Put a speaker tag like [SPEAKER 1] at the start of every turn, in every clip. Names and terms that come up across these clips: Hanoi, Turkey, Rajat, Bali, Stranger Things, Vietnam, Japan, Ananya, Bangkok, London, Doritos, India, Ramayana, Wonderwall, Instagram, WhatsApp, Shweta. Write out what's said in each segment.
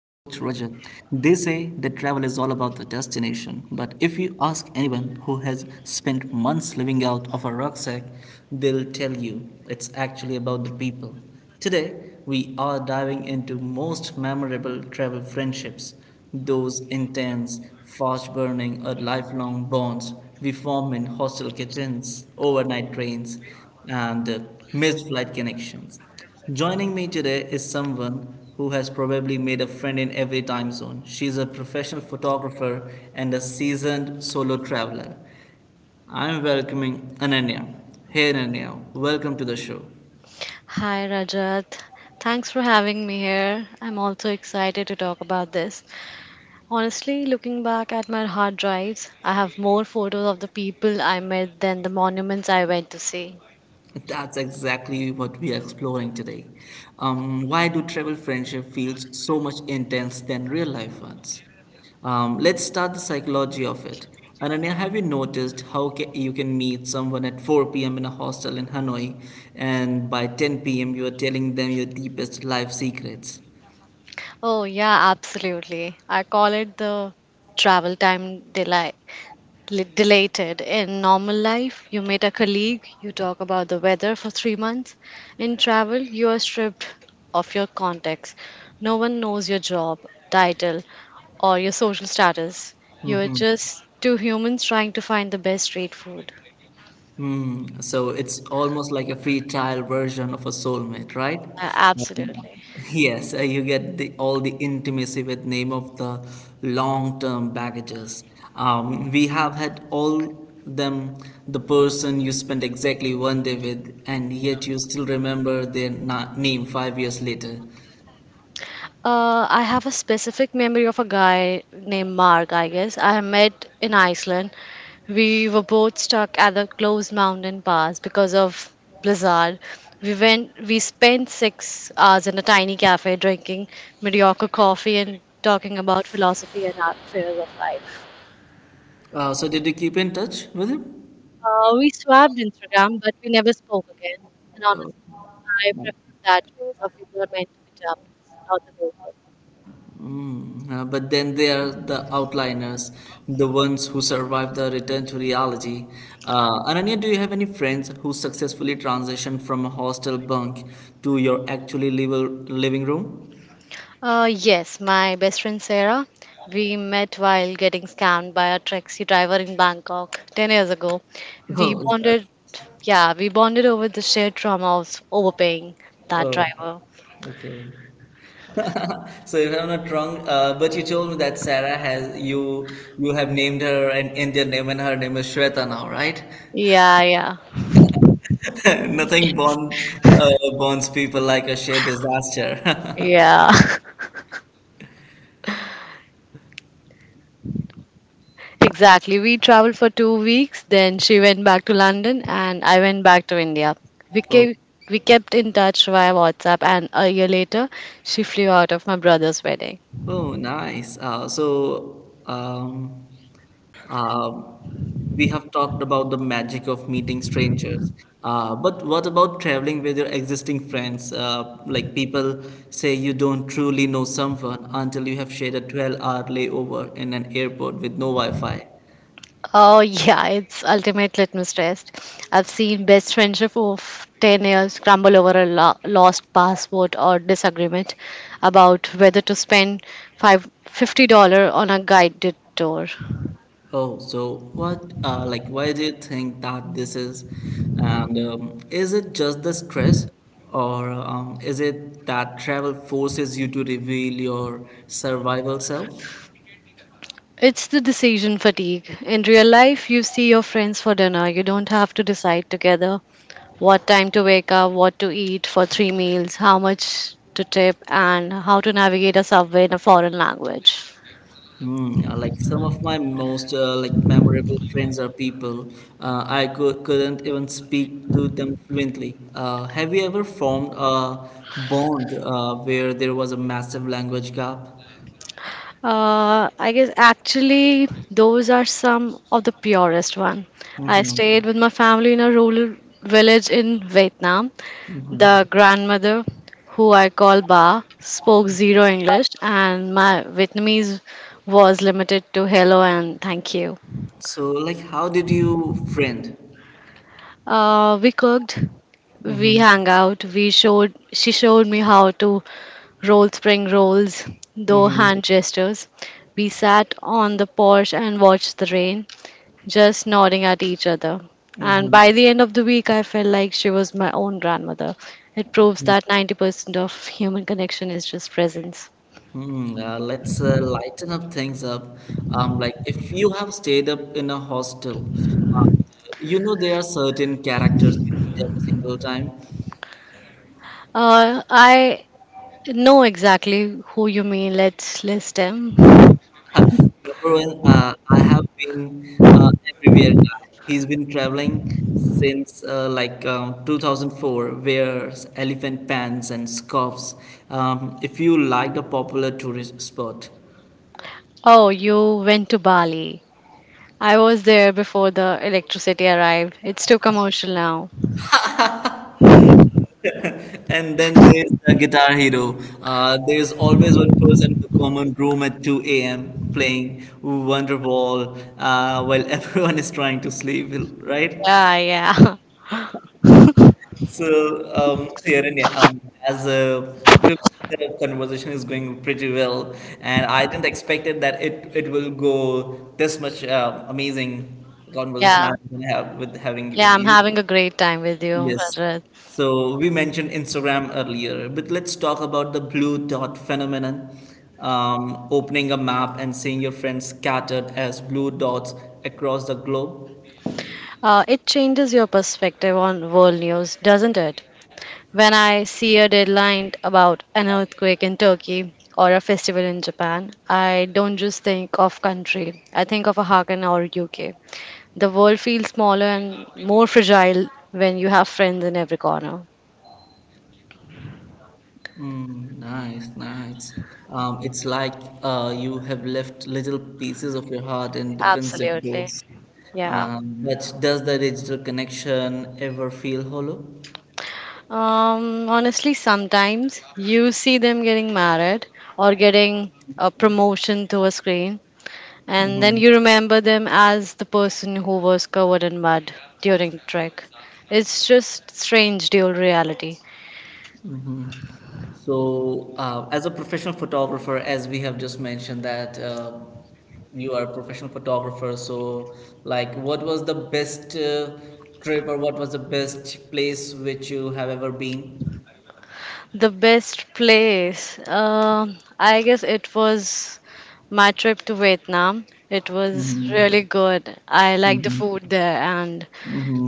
[SPEAKER 1] They say that travel is all about the destination, but if you ask anyone who has spent months living out of a rucksack, they'll tell you it's actually about the people. Today, we are diving into most memorable travel friendships, those intense, fast burning, or lifelong bonds we form in hostel kitchens, overnight trains, and missed flight connections. Joining me today is someone who has probably made a friend in every time zone. She's a professional photographer and a seasoned solo traveler. I'm welcoming Ananya. Hey, Ananya, welcome to the show.
[SPEAKER 2] Hi Rajat, thanks for having me here. I'm also excited to talk about this. Honestly, looking back at my hard drives, I have more photos of the people I met than the monuments I went to see.
[SPEAKER 1] That's exactly what we are exploring today. Why do travel friendship feels so much intense than real life ones? Let's start the psychology of it. Ananya, have you noticed how you can meet someone at 4 p.m. in a hostel in Hanoi, and by 10 p.m. you are telling them your deepest life secrets?
[SPEAKER 2] Oh, yeah, absolutely. I call it the travel time delay. Delated. In normal life, you meet a colleague, you talk about the weather for 3 months. In travel, you are stripped of your context. No one knows your job, title, or your social status. You're just two humans trying to find the best street food.
[SPEAKER 1] Hmm. So it's almost like a free trial version of a soulmate, right?
[SPEAKER 2] Absolutely.
[SPEAKER 1] Yes, you get the all the intimacy with name of the long-term baggages. We have had all them the person you spent exactly one day with, and yet you still remember their name 5 years later.
[SPEAKER 2] I have a specific memory of a guy named Mark, I guess. I met in Iceland. We were both stuck at the closed mountain pass because of blizzard. We went. We spent 6 hours in a tiny cafe drinking mediocre coffee and talking about philosophy and our fears of life.
[SPEAKER 1] So did you keep in touch with him?
[SPEAKER 2] We swapped Instagram, but we never spoke again. And honestly, I prefer that philosophy were meant to be chapters, not the whole book.
[SPEAKER 1] But then they are the outliners, the ones who survive the return to reality. Ananya, do you have any friends who successfully transitioned from a hostel bunk to your actually living room?
[SPEAKER 2] Yes, my best friend Sarah. We met while getting scammed by a taxi driver in Bangkok 10 years ago. We
[SPEAKER 1] Oh, is that?
[SPEAKER 2] bonded, yeah, we bonded over the shared trauma of overpaying that
[SPEAKER 1] Oh,
[SPEAKER 2] driver.
[SPEAKER 1] okay. So if I'm not wrong, but you told me that Sarah has you you have named her an Indian name, and her name is Shweta now, right?
[SPEAKER 2] Yeah, yeah,
[SPEAKER 1] Nothing bonds people like a shared disaster.
[SPEAKER 2] yeah. Exactly. We traveled for 2 weeks, then she went back to London and I went back to India. We
[SPEAKER 1] Oh.
[SPEAKER 2] kept, we kept in touch via WhatsApp, and a year later, she flew out of my brother's wedding.
[SPEAKER 1] Oh, nice. So, um, we have talked about the magic of meeting strangers. But what about traveling with your existing friends? Like people say you don't truly know someone until you have shared a 12-hour layover in an airport with no Wi-Fi.
[SPEAKER 2] Oh, yeah, it's ultimate litmus test. I've seen best friendship of 10 years crumble over a lost passport or disagreement about whether to spend $550 on a guided tour.
[SPEAKER 1] Oh, so what, like, why do you think that this is? And is it just the stress, or is it that travel forces you to reveal your survival self?
[SPEAKER 2] It's the decision fatigue. In real life, you see your friends for dinner. You don't have to decide together what time to wake up, what to eat for three meals, how much to tip, and how to navigate a subway in a foreign language.
[SPEAKER 1] Hmm, like some of my most like memorable friends are people uh, couldn't even speak to them fluently. Have you ever formed a bond where there was a massive language gap?
[SPEAKER 2] I guess actually those are some of the purest one. I
[SPEAKER 1] Hmm.
[SPEAKER 2] stayed with my family in a rural village in Vietnam. The grandmother, who I call Ba, spoke zero English, and my Vietnamese was limited to hello and thank you.
[SPEAKER 1] So, like, how did you friend?
[SPEAKER 2] We cooked, we
[SPEAKER 1] Mm-hmm.
[SPEAKER 2] hung out, she showed me how to roll spring rolls, though
[SPEAKER 1] Mhm,
[SPEAKER 2] hand gestures. We sat on the porch and watched the rain, just nodding at each other. And
[SPEAKER 1] mhm,
[SPEAKER 2] by the end of the week, I felt like she was my own grandmother. It proves that 90% of human connection is just presence.
[SPEAKER 1] mhm. Let's lighten up things up. Like if you have stayed up in a hostel, uh, you know there are certain characters you meet every single time.
[SPEAKER 2] I know exactly who you mean. Let's list them.
[SPEAKER 1] Number one, I have been everywhere guy. He's been traveling since 2004, wears elephant pants and scarves. If you like the popular tourist spot.
[SPEAKER 2] Oh, you went to Bali. I was there before the electricity arrived. It's too commercial now.
[SPEAKER 1] And then there's the guitar hero. There's always one person in the common room at 2 a.m. playing Wonderwall while everyone is trying to sleep, right?
[SPEAKER 2] Yeah, yeah.
[SPEAKER 1] So, so yeah, and yeah, as a to the conversation is going pretty well, and I didn't expect it that it will go this much amazing conversation
[SPEAKER 2] Yeah.
[SPEAKER 1] I'm gonna have with having with
[SPEAKER 2] Yeah, I'm
[SPEAKER 1] you.
[SPEAKER 2] having a great time with you,
[SPEAKER 1] Yes.
[SPEAKER 2] Rajat.
[SPEAKER 1] So we mentioned Instagram earlier, but let's talk about the blue dot phenomenon. Opening a map and seeing your friends scattered as blue dots across the globe.
[SPEAKER 2] It changes your perspective on world news, doesn't it? When I see a deadline about an earthquake in Turkey or a festival in Japan, I don't just think of country. I think of a Hakan or UK. The world feels smaller and more fragile when you have friends in every corner.
[SPEAKER 1] Mm, nice, nice. It's like you have left little pieces of your heart in defensive
[SPEAKER 2] Absolutely.
[SPEAKER 1] codes.
[SPEAKER 2] Yeah.
[SPEAKER 1] But does the digital connection ever feel hollow?
[SPEAKER 2] Honestly, sometimes you see them getting married or getting a promotion to a screen, and then
[SPEAKER 1] Hmm.
[SPEAKER 2] you remember them as the person who was covered in mud during Trek. It's just strange dual reality.
[SPEAKER 1] So, as a professional photographer, as we have just mentioned that you are a professional photographer, so like, what was the best trip or what was the best place which you have ever been?
[SPEAKER 2] The best place. I guess it was my trip to Vietnam. It was really good. I liked the food there and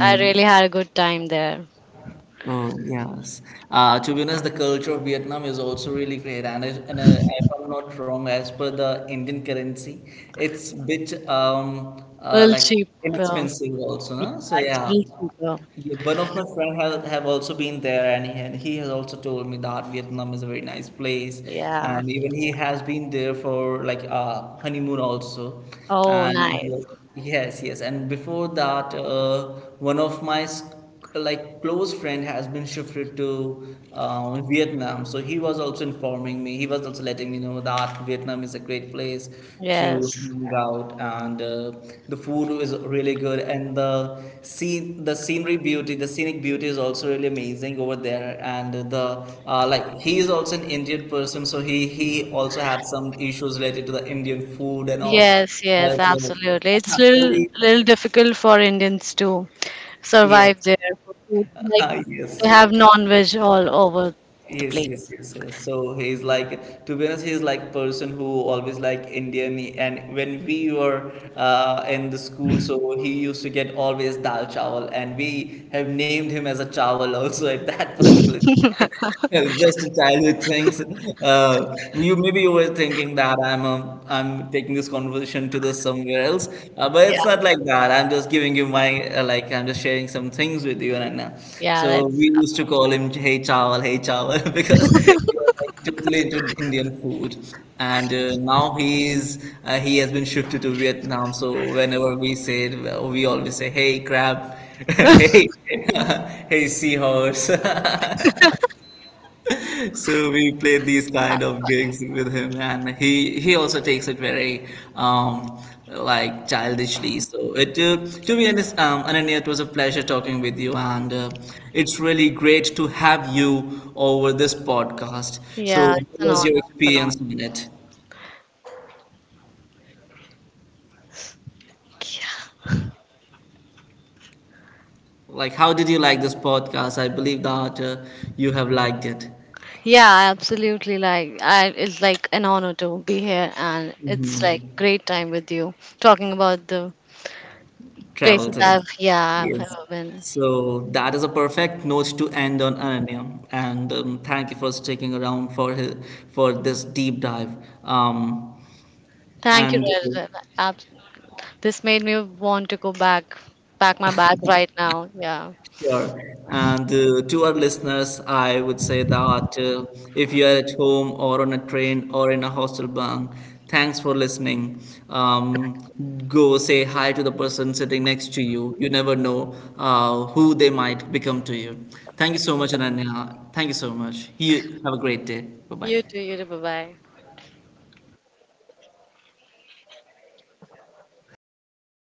[SPEAKER 2] I really had a good time there.
[SPEAKER 1] Oh yes. To be honest, the culture of Vietnam is also really great, and if I'm not wrong, as per the Indian currency, it's bit um
[SPEAKER 2] A
[SPEAKER 1] uh,
[SPEAKER 2] little
[SPEAKER 1] like
[SPEAKER 2] cheaper.
[SPEAKER 1] inexpensive also. Huh? So
[SPEAKER 2] Yeah, it's a
[SPEAKER 1] yeah.
[SPEAKER 2] little cheaper.
[SPEAKER 1] Yeah, one of my friends have also been there, and he has also told me that Vietnam is a very nice place,
[SPEAKER 2] Yeah.
[SPEAKER 1] and even he has been there for like honeymoon also,
[SPEAKER 2] Oh,
[SPEAKER 1] and
[SPEAKER 2] nice.
[SPEAKER 1] yes, yes, and before that, one of my s- like close friend has been shifted to Vietnam. So he was also informing me. He was also letting me know that Vietnam is a great place to
[SPEAKER 2] Yes.
[SPEAKER 1] hang out, and the food is really good, and the scene, the scenery beauty, the scenic beauty is also really amazing over there. And the like he is also an Indian person, so he also had some issues related to the Indian food and all.
[SPEAKER 2] Yes, yes,
[SPEAKER 1] But
[SPEAKER 2] absolutely. It's little
[SPEAKER 1] only
[SPEAKER 2] little difficult for Indians to
[SPEAKER 1] yes,
[SPEAKER 2] survive there for food. Like they
[SPEAKER 1] yes.
[SPEAKER 2] have non-veg all over the
[SPEAKER 1] Yes, yes,
[SPEAKER 2] place.
[SPEAKER 1] yes, yes. So he's like, to be honest, he's like person who always like Indian. And when we were in the school, so he used to get always dal chawal, and we have named him as a chawal also at that particular time. Just a childhood things. You maybe you were thinking that I'm taking this conversation to the somewhere anywhere else. But
[SPEAKER 2] Yeah.
[SPEAKER 1] it's not like that. I'm just giving you my uh, I'm just sharing some things with you right now.
[SPEAKER 2] Yeah,
[SPEAKER 1] So
[SPEAKER 2] that's
[SPEAKER 1] we used to call him Hey Chawal, Hey Chawal because he was like totally into Indian food. And uh, now he has been shifted to Vietnam. So whenever we say it, we always say Hey Crab, Hey Hey Seahorse. So we played these kind of gigs
[SPEAKER 2] absolutely.
[SPEAKER 1] with him, and he also takes it very um, like childishly. So it to be honest, Ananya, it was a pleasure talking with you, and it's really great to have you over this podcast. So,
[SPEAKER 2] Yeah, it's
[SPEAKER 1] what
[SPEAKER 2] an
[SPEAKER 1] was
[SPEAKER 2] honor.
[SPEAKER 1] your
[SPEAKER 2] It's an honor.
[SPEAKER 1] experience on it? Like, how did you like this podcast? I believe that you have liked it.
[SPEAKER 2] Yeah, absolutely. Like, I, it's like an honor to be here, and it's like great time with you talking about the
[SPEAKER 1] Travel
[SPEAKER 2] places
[SPEAKER 1] things.
[SPEAKER 2] I've
[SPEAKER 1] Yes.
[SPEAKER 2] ever been.
[SPEAKER 1] So that is a perfect note to end on Ananya. And thank you for sticking around for this deep dive. Um,
[SPEAKER 2] Thank you,
[SPEAKER 1] and
[SPEAKER 2] Rajat. Ab- This made me want to go back, pack my bag right now. Yeah.
[SPEAKER 1] sure. And to our listeners, I would say that if you are at home or on a train or in a hostel bunk, thanks for listening. Um, go say hi to the person sitting next to you. You never know who they might become to you. Thank you so much, Ananya. Thank you so much. You have a great day. Bye
[SPEAKER 2] You too.
[SPEAKER 1] bye.
[SPEAKER 2] You too. Bye bye.